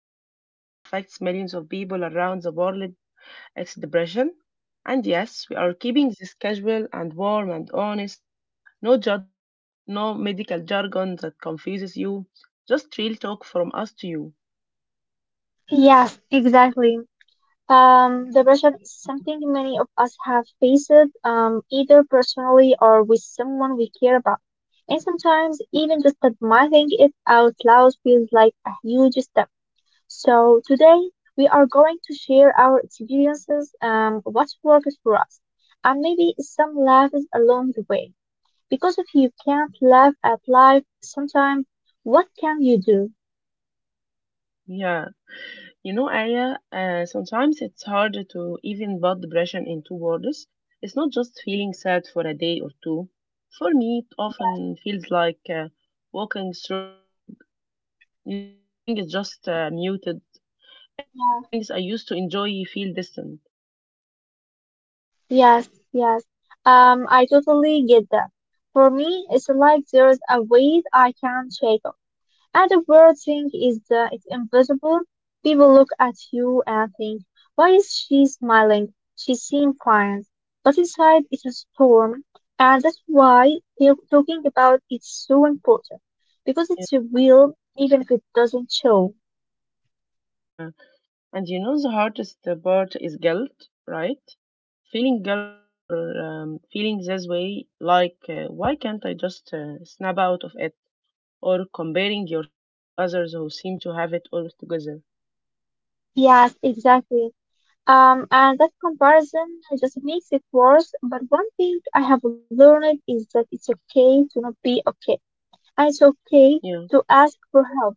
something that affects millions of people around the world. It's depression. And yes, we are keeping this casual and warm and honest. No judgment, no medical jargon that confuses you. Just real talk from us to you. Yes, exactly. Depression is something many of us have faced, either personally or with someone we care about. And sometimes even just admitting it out loud feels like a huge step. So today we are going to share our experiences, what worked for us, and maybe some laughs along the way. Because if you can't laugh at life sometimes, what can you do? Yeah. You know, Aya, sometimes it's hard to even put depression into words. It's not just feeling sad for a day or two. For me, it Yes. often feels like walking through fog. You know, everything is just Mhm. muted. Even things I used to enjoy feel distant. Yes, yes. I totally get that. For me, it's like there's a weight I can't shake off. And the weird thing is that it's invisible. People look at you and think, why is she smiling? She seems fine. But inside, it's a storm. And that's why talking about it's so important. Because Yeah. it's real, even if it doesn't show. Yeah. And you know, the hardest part is guilt, right? Feeling guilty for feeling this way, like, why can't I just snap out of it? Or comparing yourself to others who seem to have it all together. Yes, exactly. And that comparison just makes it worse. But one thing I have learned is that it's okay to not be okay, and it's okay Yeah, to ask for help.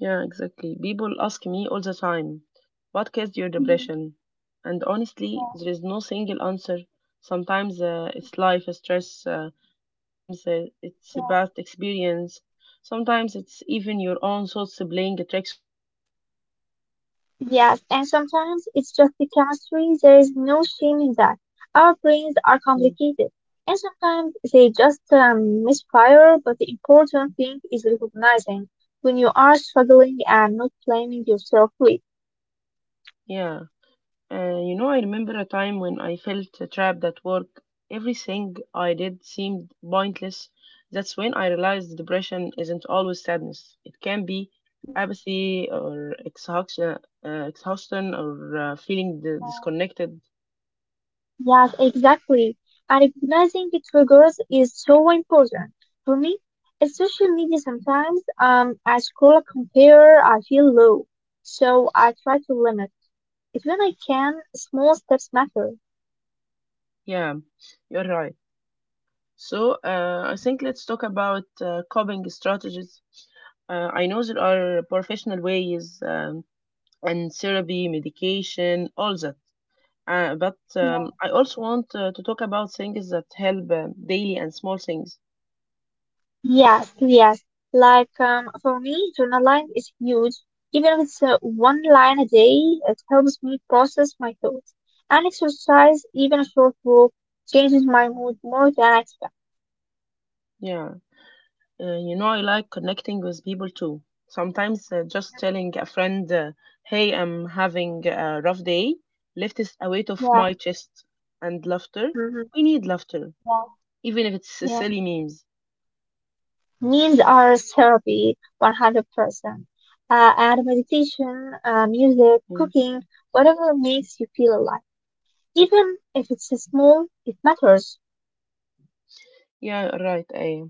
yeah, exactly. People ask me all the time, what caused your Hmm. depression? And honestly, Yeah, there is no single answer. Sometimes it's life stress, sometimes it's a yeah. bad experience, sometimes it's even your own thoughts playing tricks on you. Yes, and sometimes it's just the chemistry. There is no shame in that. Our brains are Mm, complicated, and sometimes they just misfire. But the important thing is recognizing when you are struggling and not blaming yourself for it. Yeah. You know, I remember a time when I felt trapped at work. Everything I did seemed pointless. That's when I realized depression isn't always sadness. It can be Mhm. apathy or exhaustion, exhaustion or feeling disconnected. Yes, exactly. And recognizing the triggers is so important. For me, it's social media sometimes, I scroll a compare, I feel low. So I try to limit it when I can. Small steps matter. Yeah, you're right. So I think Mhm. let's talk about coping strategies. I know there are professional ways, and therapy, medication, all that. But Yeah. I also want to talk about things that help daily and small things. Yes, yes. Like for me, journaling is huge. Even if it's one line a day, it helps me process my thoughts. And exercise, even a short walk, changes my mood more than I expect. Yeah, you know, I like connecting with people too. Sometimes just Mhm. telling a friend, hey, I'm having a rough day, lifts a weight off Yeah. my chest. And laughter, Mhm. we need laughter, Yeah, even if it's yeah. silly memes. Needs are therapy, 100%. And meditation, music, Mm. cooking, whatever makes you feel alive. Even if it's small, it matters. Yeah, right. I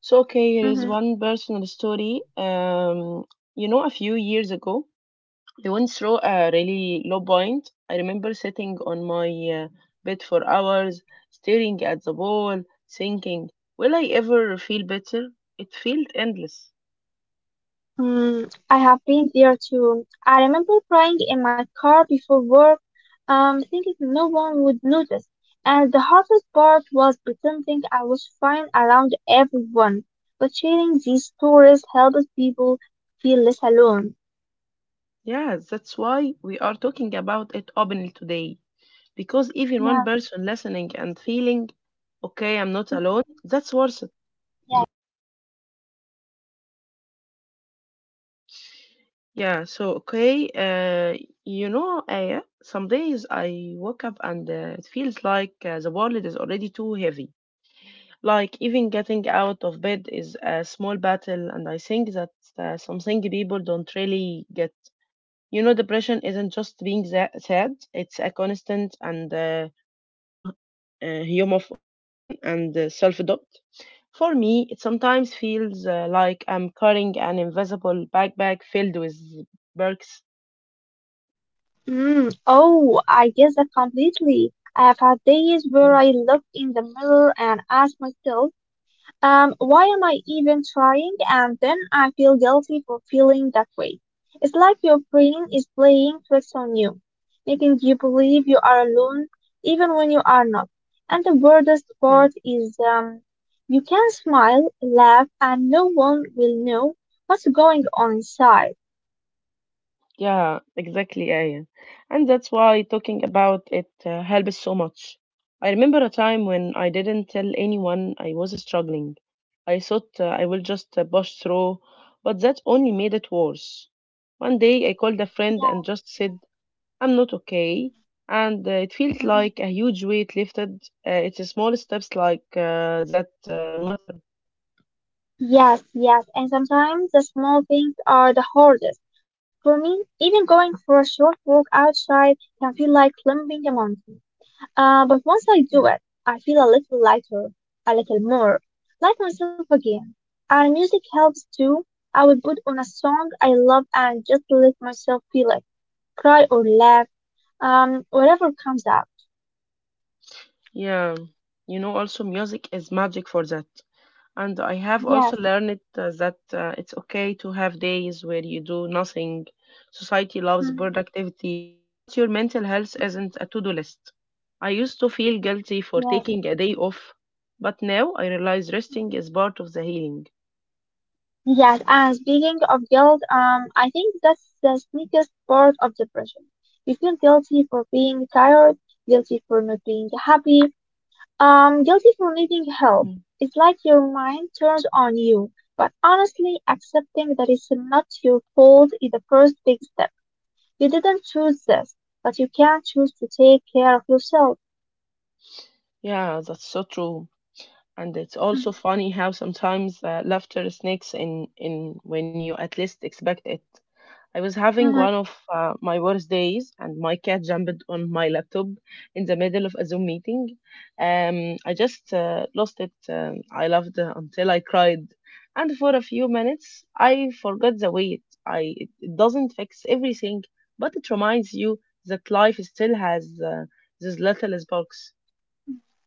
So, okay, here is Hmm. one personal story. You know, a few years ago, they went through a really low point. I remember sitting on my uh, bed for hours, staring at the wall, thinking, will I ever feel better? It felt endless. Mm, I have been there too. I remember crying in my car before work, thinking no one would notice. And the hardest part was pretending I was fine around everyone. But sharing these stories helps people feel less alone. Yeah, that's why we are talking about it openly today. Because even one Yeah. person listening and feeling, okay, I'm not alone, Mhm. that's worth it. Yeah, so okay, uh, you know, some days I woke up and it feels like the world is already too heavy. Like even getting out of bed is a small battle, and I think that's something people don't really get. You know, depression isn't just being sad; it's a constant and low hum of exhaustion and self-doubt. For me, it sometimes feels like I'm carrying an invisible backpack filled with perks. Mm, oh, I get that completely. I have had days Yeah. where I look in the mirror and ask myself, why am I even trying? And then I feel guilty for feeling that way. It's like your brain is playing tricks on you, making you believe you are alone, even when you are not. And the weirdest Yeah. part is, you can smile, laugh, and no one will know what's going on inside. Yeah, exactly, Aya. And that's why talking about it helps so much. I remember a time when I didn't tell anyone I was struggling. I thought I will just push through, but that only made it worse. One day I called a friend and just said, I'm not okay. And it felt Yeah. like a huge weight lifted. It's small steps like that matter. Yes, yes, and sometimes the small things are the hardest. For me, even going for a short walk outside can feel like climbing a mountain. But once I Yeah. do it, I feel a little lighter, a little more like myself again. And music helps too. I will put on a song I love and just let myself feel it, cry or laugh, whatever comes out. Yeah, you know, also music is magic for that. And I have Yes. also learned that it's okay to have days where you do nothing. Society loves Mhm, productivity, but your mental health mhm, isn't a to do list. I used to feel guilty yeah. for taking a day off, but now I realize resting is part of the healing. Yes, and speaking of guilt, I think that's the sneakiest part of depression. You feel guilty for being tired, guilty for not being happy, guilty for needing help. Mm. It's like your mind turns on you. But honestly, accepting that it's not your fault is the first big step. You didn't choose this, but you can choose to take care of yourself. Yeah, that's so true. And it's also funny how sometimes laughter sneaks in when you at least expect it. I was having one of my worst days, and my cat jumped on my laptop in the middle of a Zoom meeting. I just lost it. I laughed until I cried, and for a few minutes, I forgot the weight. It doesn't fix everything, but it reminds you that life still has these little sparks.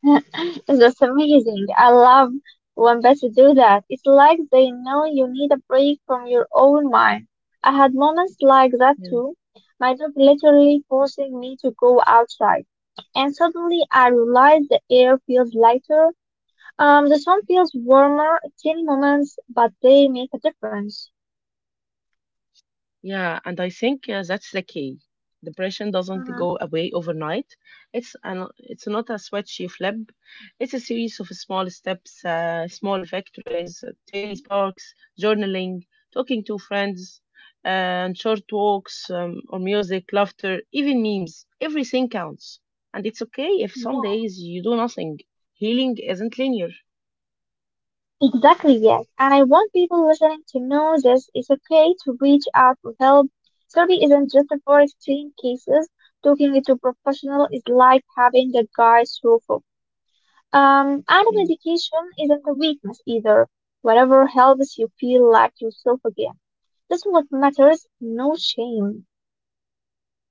It's just amazing. I love when pets do that. It's like they know you need a break from your own mind. I had moments like that too. My dog literally forcing me to go outside. And suddenly I realized the air feels lighter, the sun feels warmer, tiny moments, but they make a difference. Yeah, and I think that's the key. Depression doesn't go Mhm. away overnight. It's not a switch you flip. It's a series of small steps, small victories, tiny sparks, journaling, talking to friends, and short walks, or music, laughter, even memes. Everything counts, and it's okay if some Yeah. days you do nothing. Healing isn't linear. Exactly, yes. And I want people listening to know this, it's okay to reach out for help. Therapy isn't just for extreme cases. Talking to a professional is like having a guide through fog. And medication isn't a weakness either. Whatever helps you feel like yourself again. That's what matters, no shame.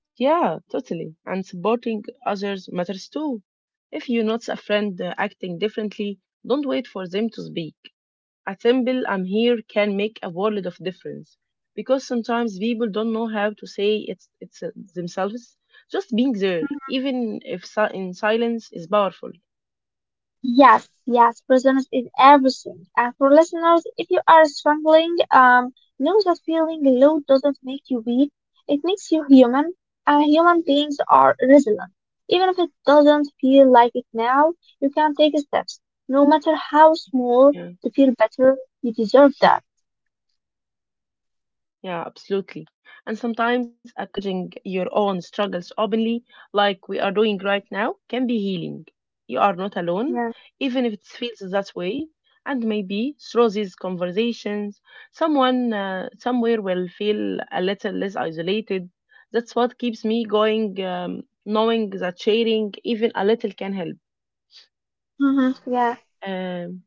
Yeah, totally. And supporting others matters too. If you notice a friend acting differently, don't wait for them to speak. A simple "I'm here" can make a world of difference, because sometimes people don't know how to say it it's themselves. Just being there, even if in silence, is powerful. Yes, yes, presence is everything. And for listeners, if you are struggling, know that feeling low doesn't make you weak. It makes you human, and human beings are resilient. Even if it doesn't feel like it now, you can take steps, no matter how small, Yeah. to feel better. You deserve that. Yeah, absolutely. And sometimes acknowledging your own struggles openly, like we are doing right Mhm. now, can be healing. You are not alone, Yeah. even if it feels that way. And maybe through these conversations, someone somewhere will feel a little less isolated. That's what keeps me going, knowing that sharing even a little can help. Hmm. Yeah. Um,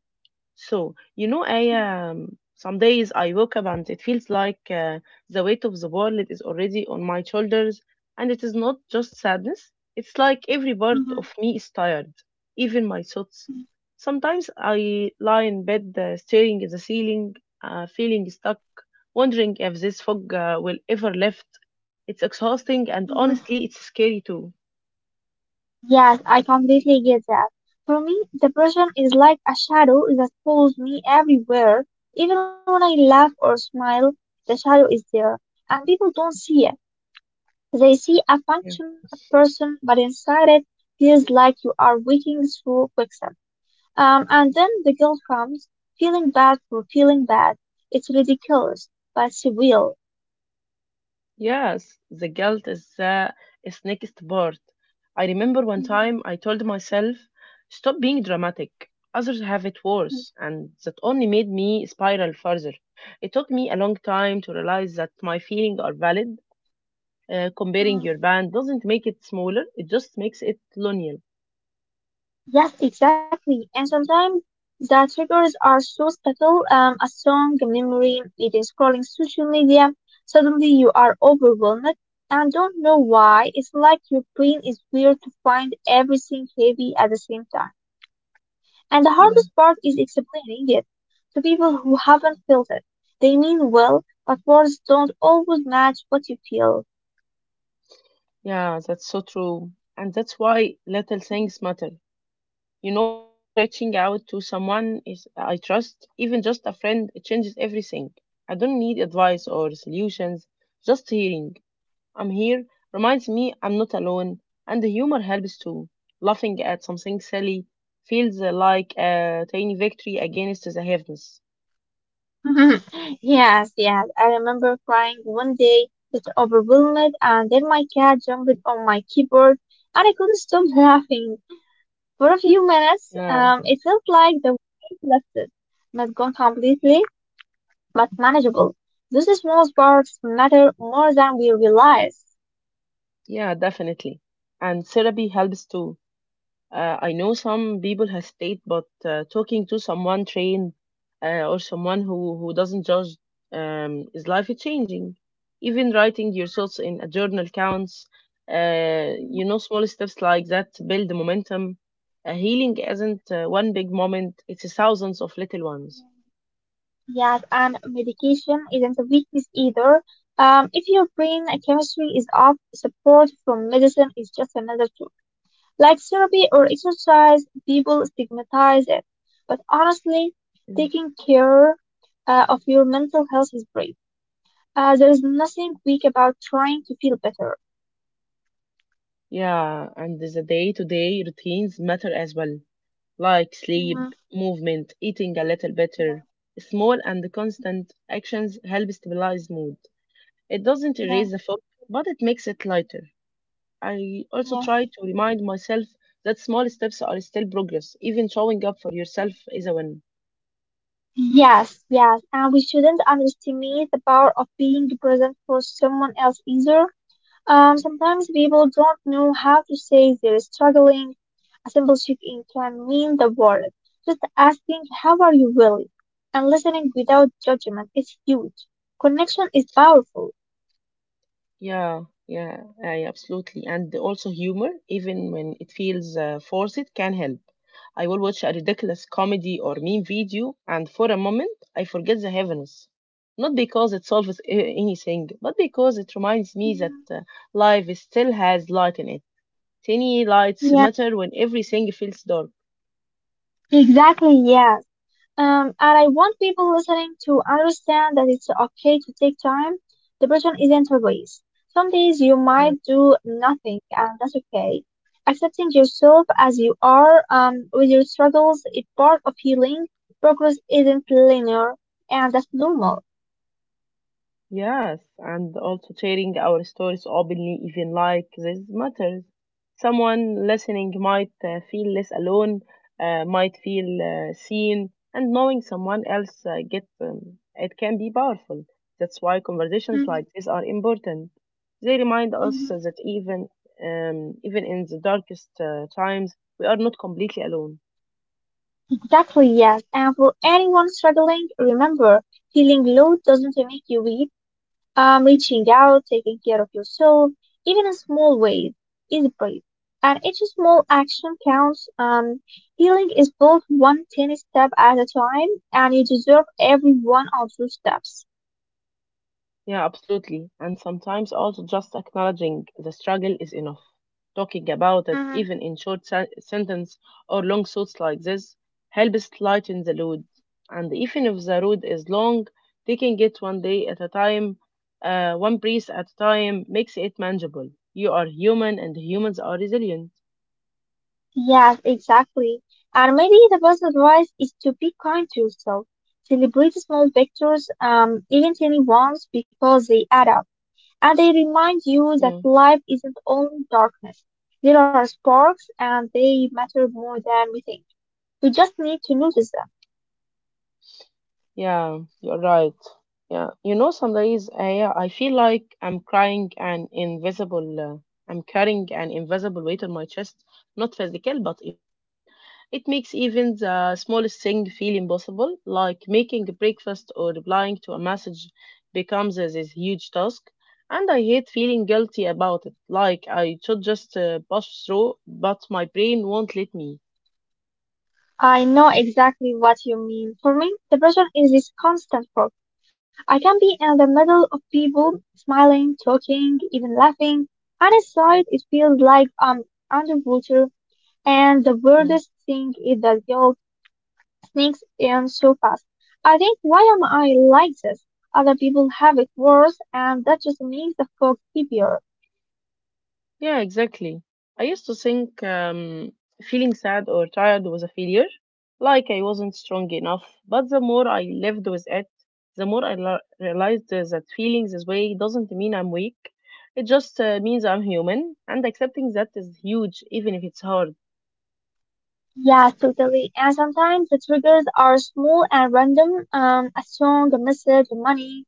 so, you know, I some days I woke up and it feels like the weight of the world is already on my shoulders, and it is not just sadness. It's like every part of me is tired, even my thoughts. Sometimes I lie in bed staring at the ceiling, feeling stuck, wondering if this fog will ever lift. It's exhausting, and Hmm. honestly, it's scary too. Yes, I completely get that. For me, depression is like a shadow that follows me everywhere. Even when I laugh or smile, the shadow is there. And people don't see it. They see a functioning person, but inside it feels like you are waking through quicksand. And then the guilt comes, feeling bad for feeling bad. It's ridiculous, but it's real. Yes, the guilt is the is next part. I remember one Mhm. time I told myself, stop being dramatic. Others have it worse, and that only made me spiral further. It took me a long time to realize that my feelings are valid. Comparing your band doesn't make it smaller, it just makes it lonelier. Yes, exactly. And sometimes the triggers are so subtle, a song, a memory, even scrolling social media. Suddenly you are overwhelmed and don't know why. It's like your brain is weird to find everything heavy at the same time. And the Yeah. hardest part is explaining it to people who haven't felt it. They mean well, but words don't always match what you feel. Yeah, that's so true. And that's why little things matter. You know, for me, reaching out to someone is I trust, even just a friend, it changes everything. I don't need advice or solutions, just hearing "I'm here" reminds me I'm not alone, and the humor helps too. Laughing at something silly feels like a tiny victory against the heaviness. Yes, yes. I remember crying one day, just overwhelmed, and then my cat jumped on my keyboard, and I couldn't stop laughing. For a few minutes, Yeah, it felt like the wind lifted, not gone completely, but manageable. Those small sparks matter more than we realize. yeah, definitely. And therapy helps too. I know some people hesitate, but talking to someone trained, or someone who doesn't judge, is life changing. Even writing your Mhm. thoughts in a journal counts. You Yes. know, small steps like that build momentum. Healing isn't one big moment, it's thousands of little ones. Yes, and medication isn't a weakness either. If your brain chemistry is off, support from medicine is just another tool. Like therapy or exercise, people stigmatize it. But honestly, Mm. taking care of your mental health is brave. There's nothing weak about trying to feel better. Yeah, and the day-to-day routines matter as well, like Mhm. sleep, movement, eating a little better. Small and constant actions help stabilize mood. It doesn't Yeah, erase the fog, but it makes it lighter. I also yeah. try to remind myself that small steps are still progress. Even showing up for yourself is a win. Yes, yes, and we shouldn't underestimate the power of being present for someone else either. Sometimes people don't know how to say they're struggling. A simple check-in can mean the world. Just asking, how are you really? And listening without judgment is huge. Connection is powerful. Yeah, yeah, I absolutely. And also humor, even when it feels forced, can help. I will watch a ridiculous comedy or meme video, and for a moment, I forget the heaviness. Not because it solves anything, but because it reminds me that Mm, life still has light in it. Tiny lights yeah, matter when everything feels dark. exactly, yeah. And I want people listening to understand that it's okay to take time. Depression isn't a race. Some days you Yeah. might do nothing, and that's okay. Accepting yourself as you are, with your struggles, is part of healing. Progress isn't linear, and that's normal. Yes, and also sharing our stories openly, even like this, matters. Someone listening might feel less alone, might feel seen, and knowing someone else gets it can be powerful. That's why conversations Mhm, like this are important. They remind us mhm. that even in the darkest times, we are not completely alone. Exactly, yes. And for anyone struggling, remember, feeling low doesn't make you weak. Reaching out, taking care of yourself, even in small ways, is brave. And each small action counts. Healing is built one tiny step at a time, and you deserve every one of those steps. Yeah, absolutely. And sometimes also just acknowledging the struggle is enough. Talking about it, Mhm. even in short sentence or long thoughts like this, helps lighten the load. And even if the road is long, taking it one day at a time, one breath at a time, makes it manageable. You are human, and humans are resilient. Yes, exactly. And maybe the best advice is to be kind to yourself. Celebrate small victories, even tiny ones, because they add up. And they remind you that Yeah. life isn't only darkness. There are sparks and they matter more than we think. We just need to notice them. Yeah, you're right. Yeah, you know, some days I feel like I'm crying an invisible. I'm carrying an invisible weight on my chest, not physical but emotional. It makes even the smallest thing feel impossible, like making breakfast or replying to a message becomes this huge task. And I hate feeling guilty about it, like I should just push through, but my brain won't let me. I know exactly what you mean. For me, depression is this constant fog. I can be in the middle of people, smiling, talking, even laughing, and inside it feels like I'm underwater. And the Yeah. weirdest thing is that guilt sneaks in so fast. I think, why am I like this? Other people have it worse, and that just makes the fog heavier. Yeah, exactly. I used to think feeling sad or tired was a failure, like I wasn't strong enough. But the more I lived with it, the more I realized that feeling this way doesn't mean I'm weak. It just means I'm human, and accepting that is huge, even if it's hard. Yeah, totally. And sometimes the triggers are small and random. A song, a message, money.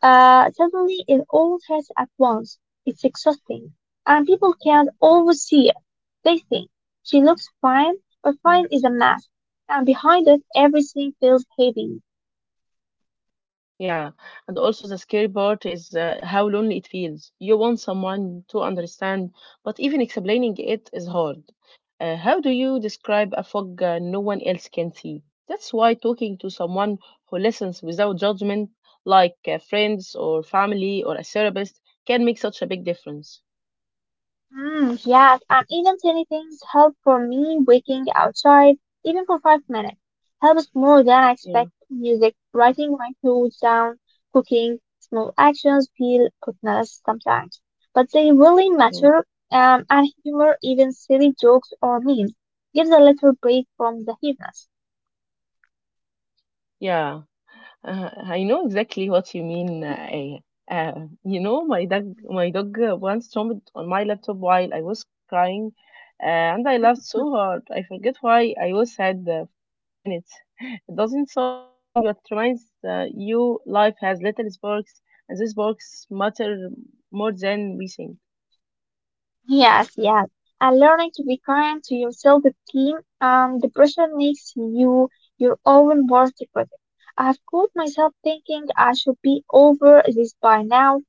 Suddenly it all hits at once. It's exhausting. And people can't always see it. They think she looks fine, but fine is a mask. And behind it, everything feels heavy. Yeah, and also the scary part is how lonely it feels. You want someone to understand, but even explaining it is hard. How do you describe a fog no one else can see? That's why talking to someone who listens without judgment, like friends or family or a therapist, can make such a big difference. Mm, yes, and even tiny things help, for me waking outside, even for 5 minutes. Helps more than I Yeah, expect. Music, writing my thoughts down, cooking, small actions feel pointless sometimes, but they really yeah, matter. And humor, even silly jokes or memes, gives a little break from the heaviness. yeah. I know exactly what you mean. Aya, my dog once stomped on my laptop while I was crying, uh, and I laughed so hard. I forget why I was sad for a few minutes. It doesn't solve everything, but reminds you life has little sparks, and these sparks matter more than we think. Yes, yes. And learning to be kind to yourself, the team, depression makes you your own worst critic. I have caught myself thinking I should be over this by now,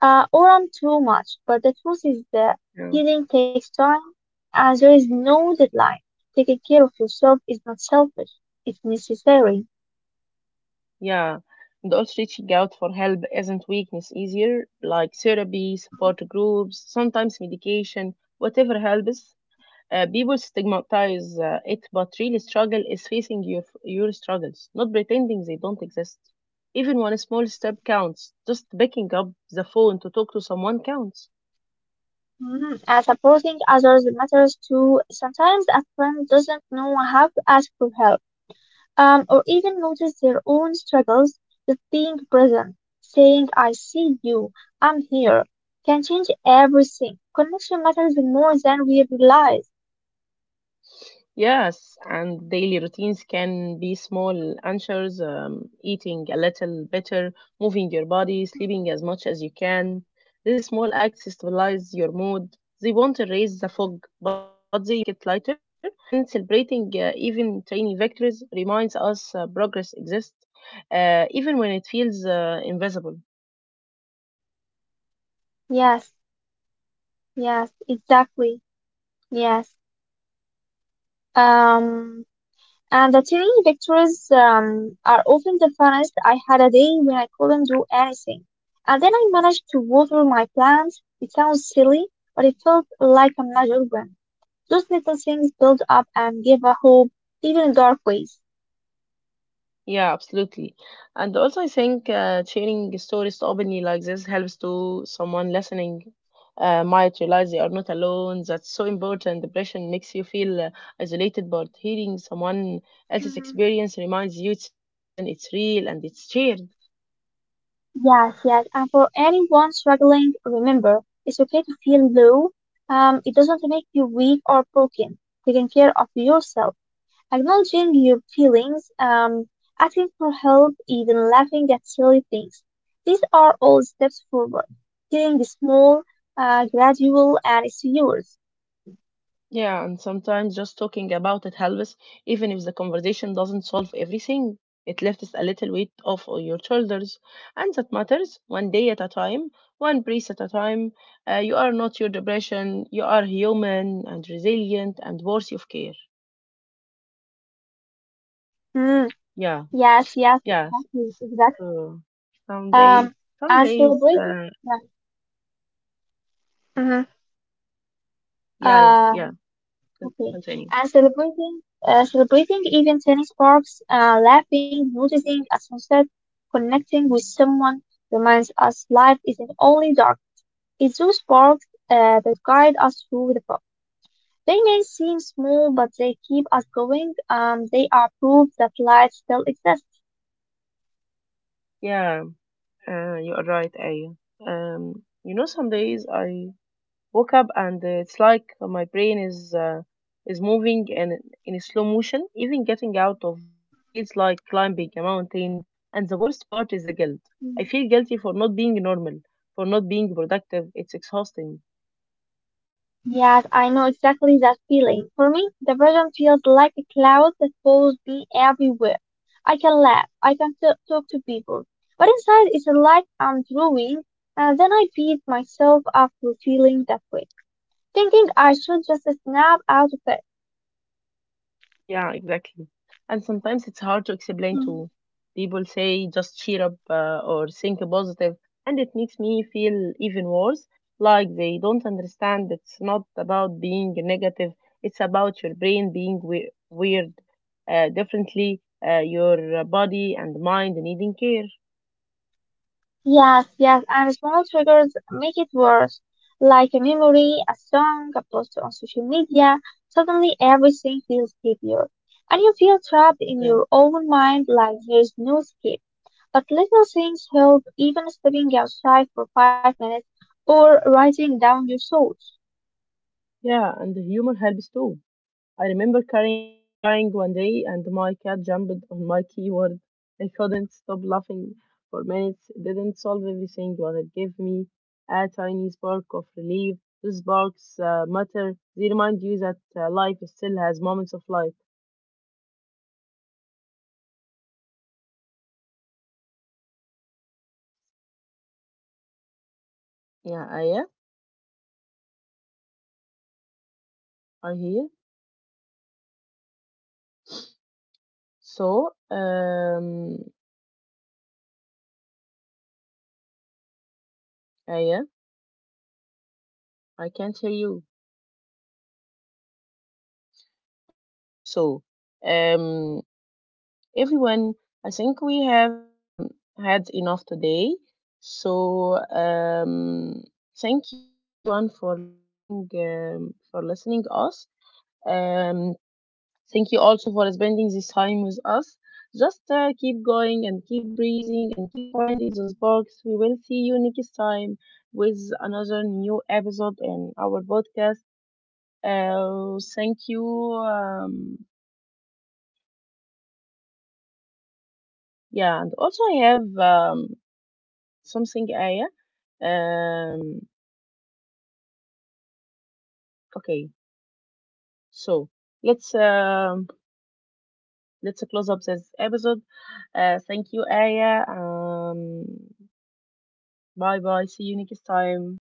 or I'm too much. But the truth is that Yeah. healing takes time, and there is no deadline. Taking care of yourself is not selfish; it's necessary. Yeah. And also reaching out for help isn't weakness easier, like therapy, support groups, sometimes medication, whatever helps. People stigmatize it, but really struggle is facing your struggles, not pretending they don't exist. Even one small step counts. Just picking up the phone to talk to someone counts. Mm, and supporting others matters too. Sometimes a friend doesn't know how to ask for help, or even notice their own struggles, just being present, saying, I see you, I'm here, can change everything. Connection matters more than we realize. Yes, and daily routines can be small answers, eating a little better, moving your body, sleeping as much as you can. These small acts stabilize your mood. They won't erase the fog, but they make it lighter. And celebrating even tiny victories reminds us progress exists, even when it feels Hmm. Invisible. Yes, yes, exactly. Yes. Um, and the tiny victories are often the funnest. I had a day when I couldn't do anything. And then I managed to water my plants. It sounds silly, but it felt like a magic win. Those little things build up and give a hope, even in dark ways. Yeah, absolutely. And also, I think sharing stories openly like this helps to someone listening might realize they are not alone. That's so important. Depression makes you feel isolated, but hearing someone else's Hmm. experience reminds you it's human, it's real, and it's shared. Yes, yes. And for anyone struggling, remember, it's okay to feel low. It doesn't make you weak or broken. Taking care of yourself, acknowledging your feelings, asking for help, even laughing at silly things. These are all steps forward. Healing is small, gradual, and it's yours. Yeah, and sometimes just talking about it helps, even if the conversation doesn't solve everything. It lifts a little weight off of your shoulders, and that matters. One day at a time, one breath at a time. You are not your depression. You are human and resilient and worthy of care. Mm, Yeah, yes, yes, yeah. exactly, exactly. So some days, Um, some and days. celebrating. Uh, Yeah, uh-huh. yeah, yeah. yeah, Uh, okay. Continue. And celebrating, celebrating even tiny sparks, laughing, noticing a sunset, connecting with someone reminds us life isn't only dark. It's those sparks that guide us through the fog. They may seem small, but they keep us going. They are proof that life still exists. Yeah, you are right, Aya. Some days I woke up and it's like my brain is moving in slow motion. Even getting out of bed feels like climbing a mountain. And the worst part is the guilt. I feel guilty for not being normal, for not being productive. It's exhausting. Yes, I know exactly that feeling. For me, the vision feels like a cloud that follows me everywhere. I can laugh, I can talk to people, but inside it's like I'm drooling, and then I beat myself up for feeling that way, thinking I should just snap out of it. Yeah, exactly. And sometimes it's hard to explain to people say just cheer up or think positive, and it makes me feel even worse, like they don't understand it's not about being negative, it's about your brain being weird differently, your body and mind needing care. Yes, yes, and small triggers make it worse. Like a memory, a song, a post on social media, suddenly everything feels heavier. And you feel trapped in Yeah. your own mind like there's no escape. But little things help, even stepping outside for 5 minutes or writing down your thoughts. Yeah, and humor helps too. I remember crying one day, and my cat jumped on my keyboard. I couldn't stop laughing for minutes. It didn't solve everything, but it gave me a tiny spark of relief. Those sparks matter. They remind you that life still has moments of light. Mm-hmm. Yes, yes. Continue. Yeah, I yeah, Mm-hmm. I hear. Continue. Yes, yes. Continue. So, um, I yeah, Continue. I can't hear you. Okay, so, um, everyone, I think we have had enough today. So thank you everyone for listening us. Um, thank you also for spending this time with us. Just keep going and keep breathing and keep finding those bugs. We will see you next time with another new episode in our podcast. Thank you. Yeah, and also I have something, Aya. um, okay so let's let's close up this episode. Thank you, Aya. Bye bye, see you next time.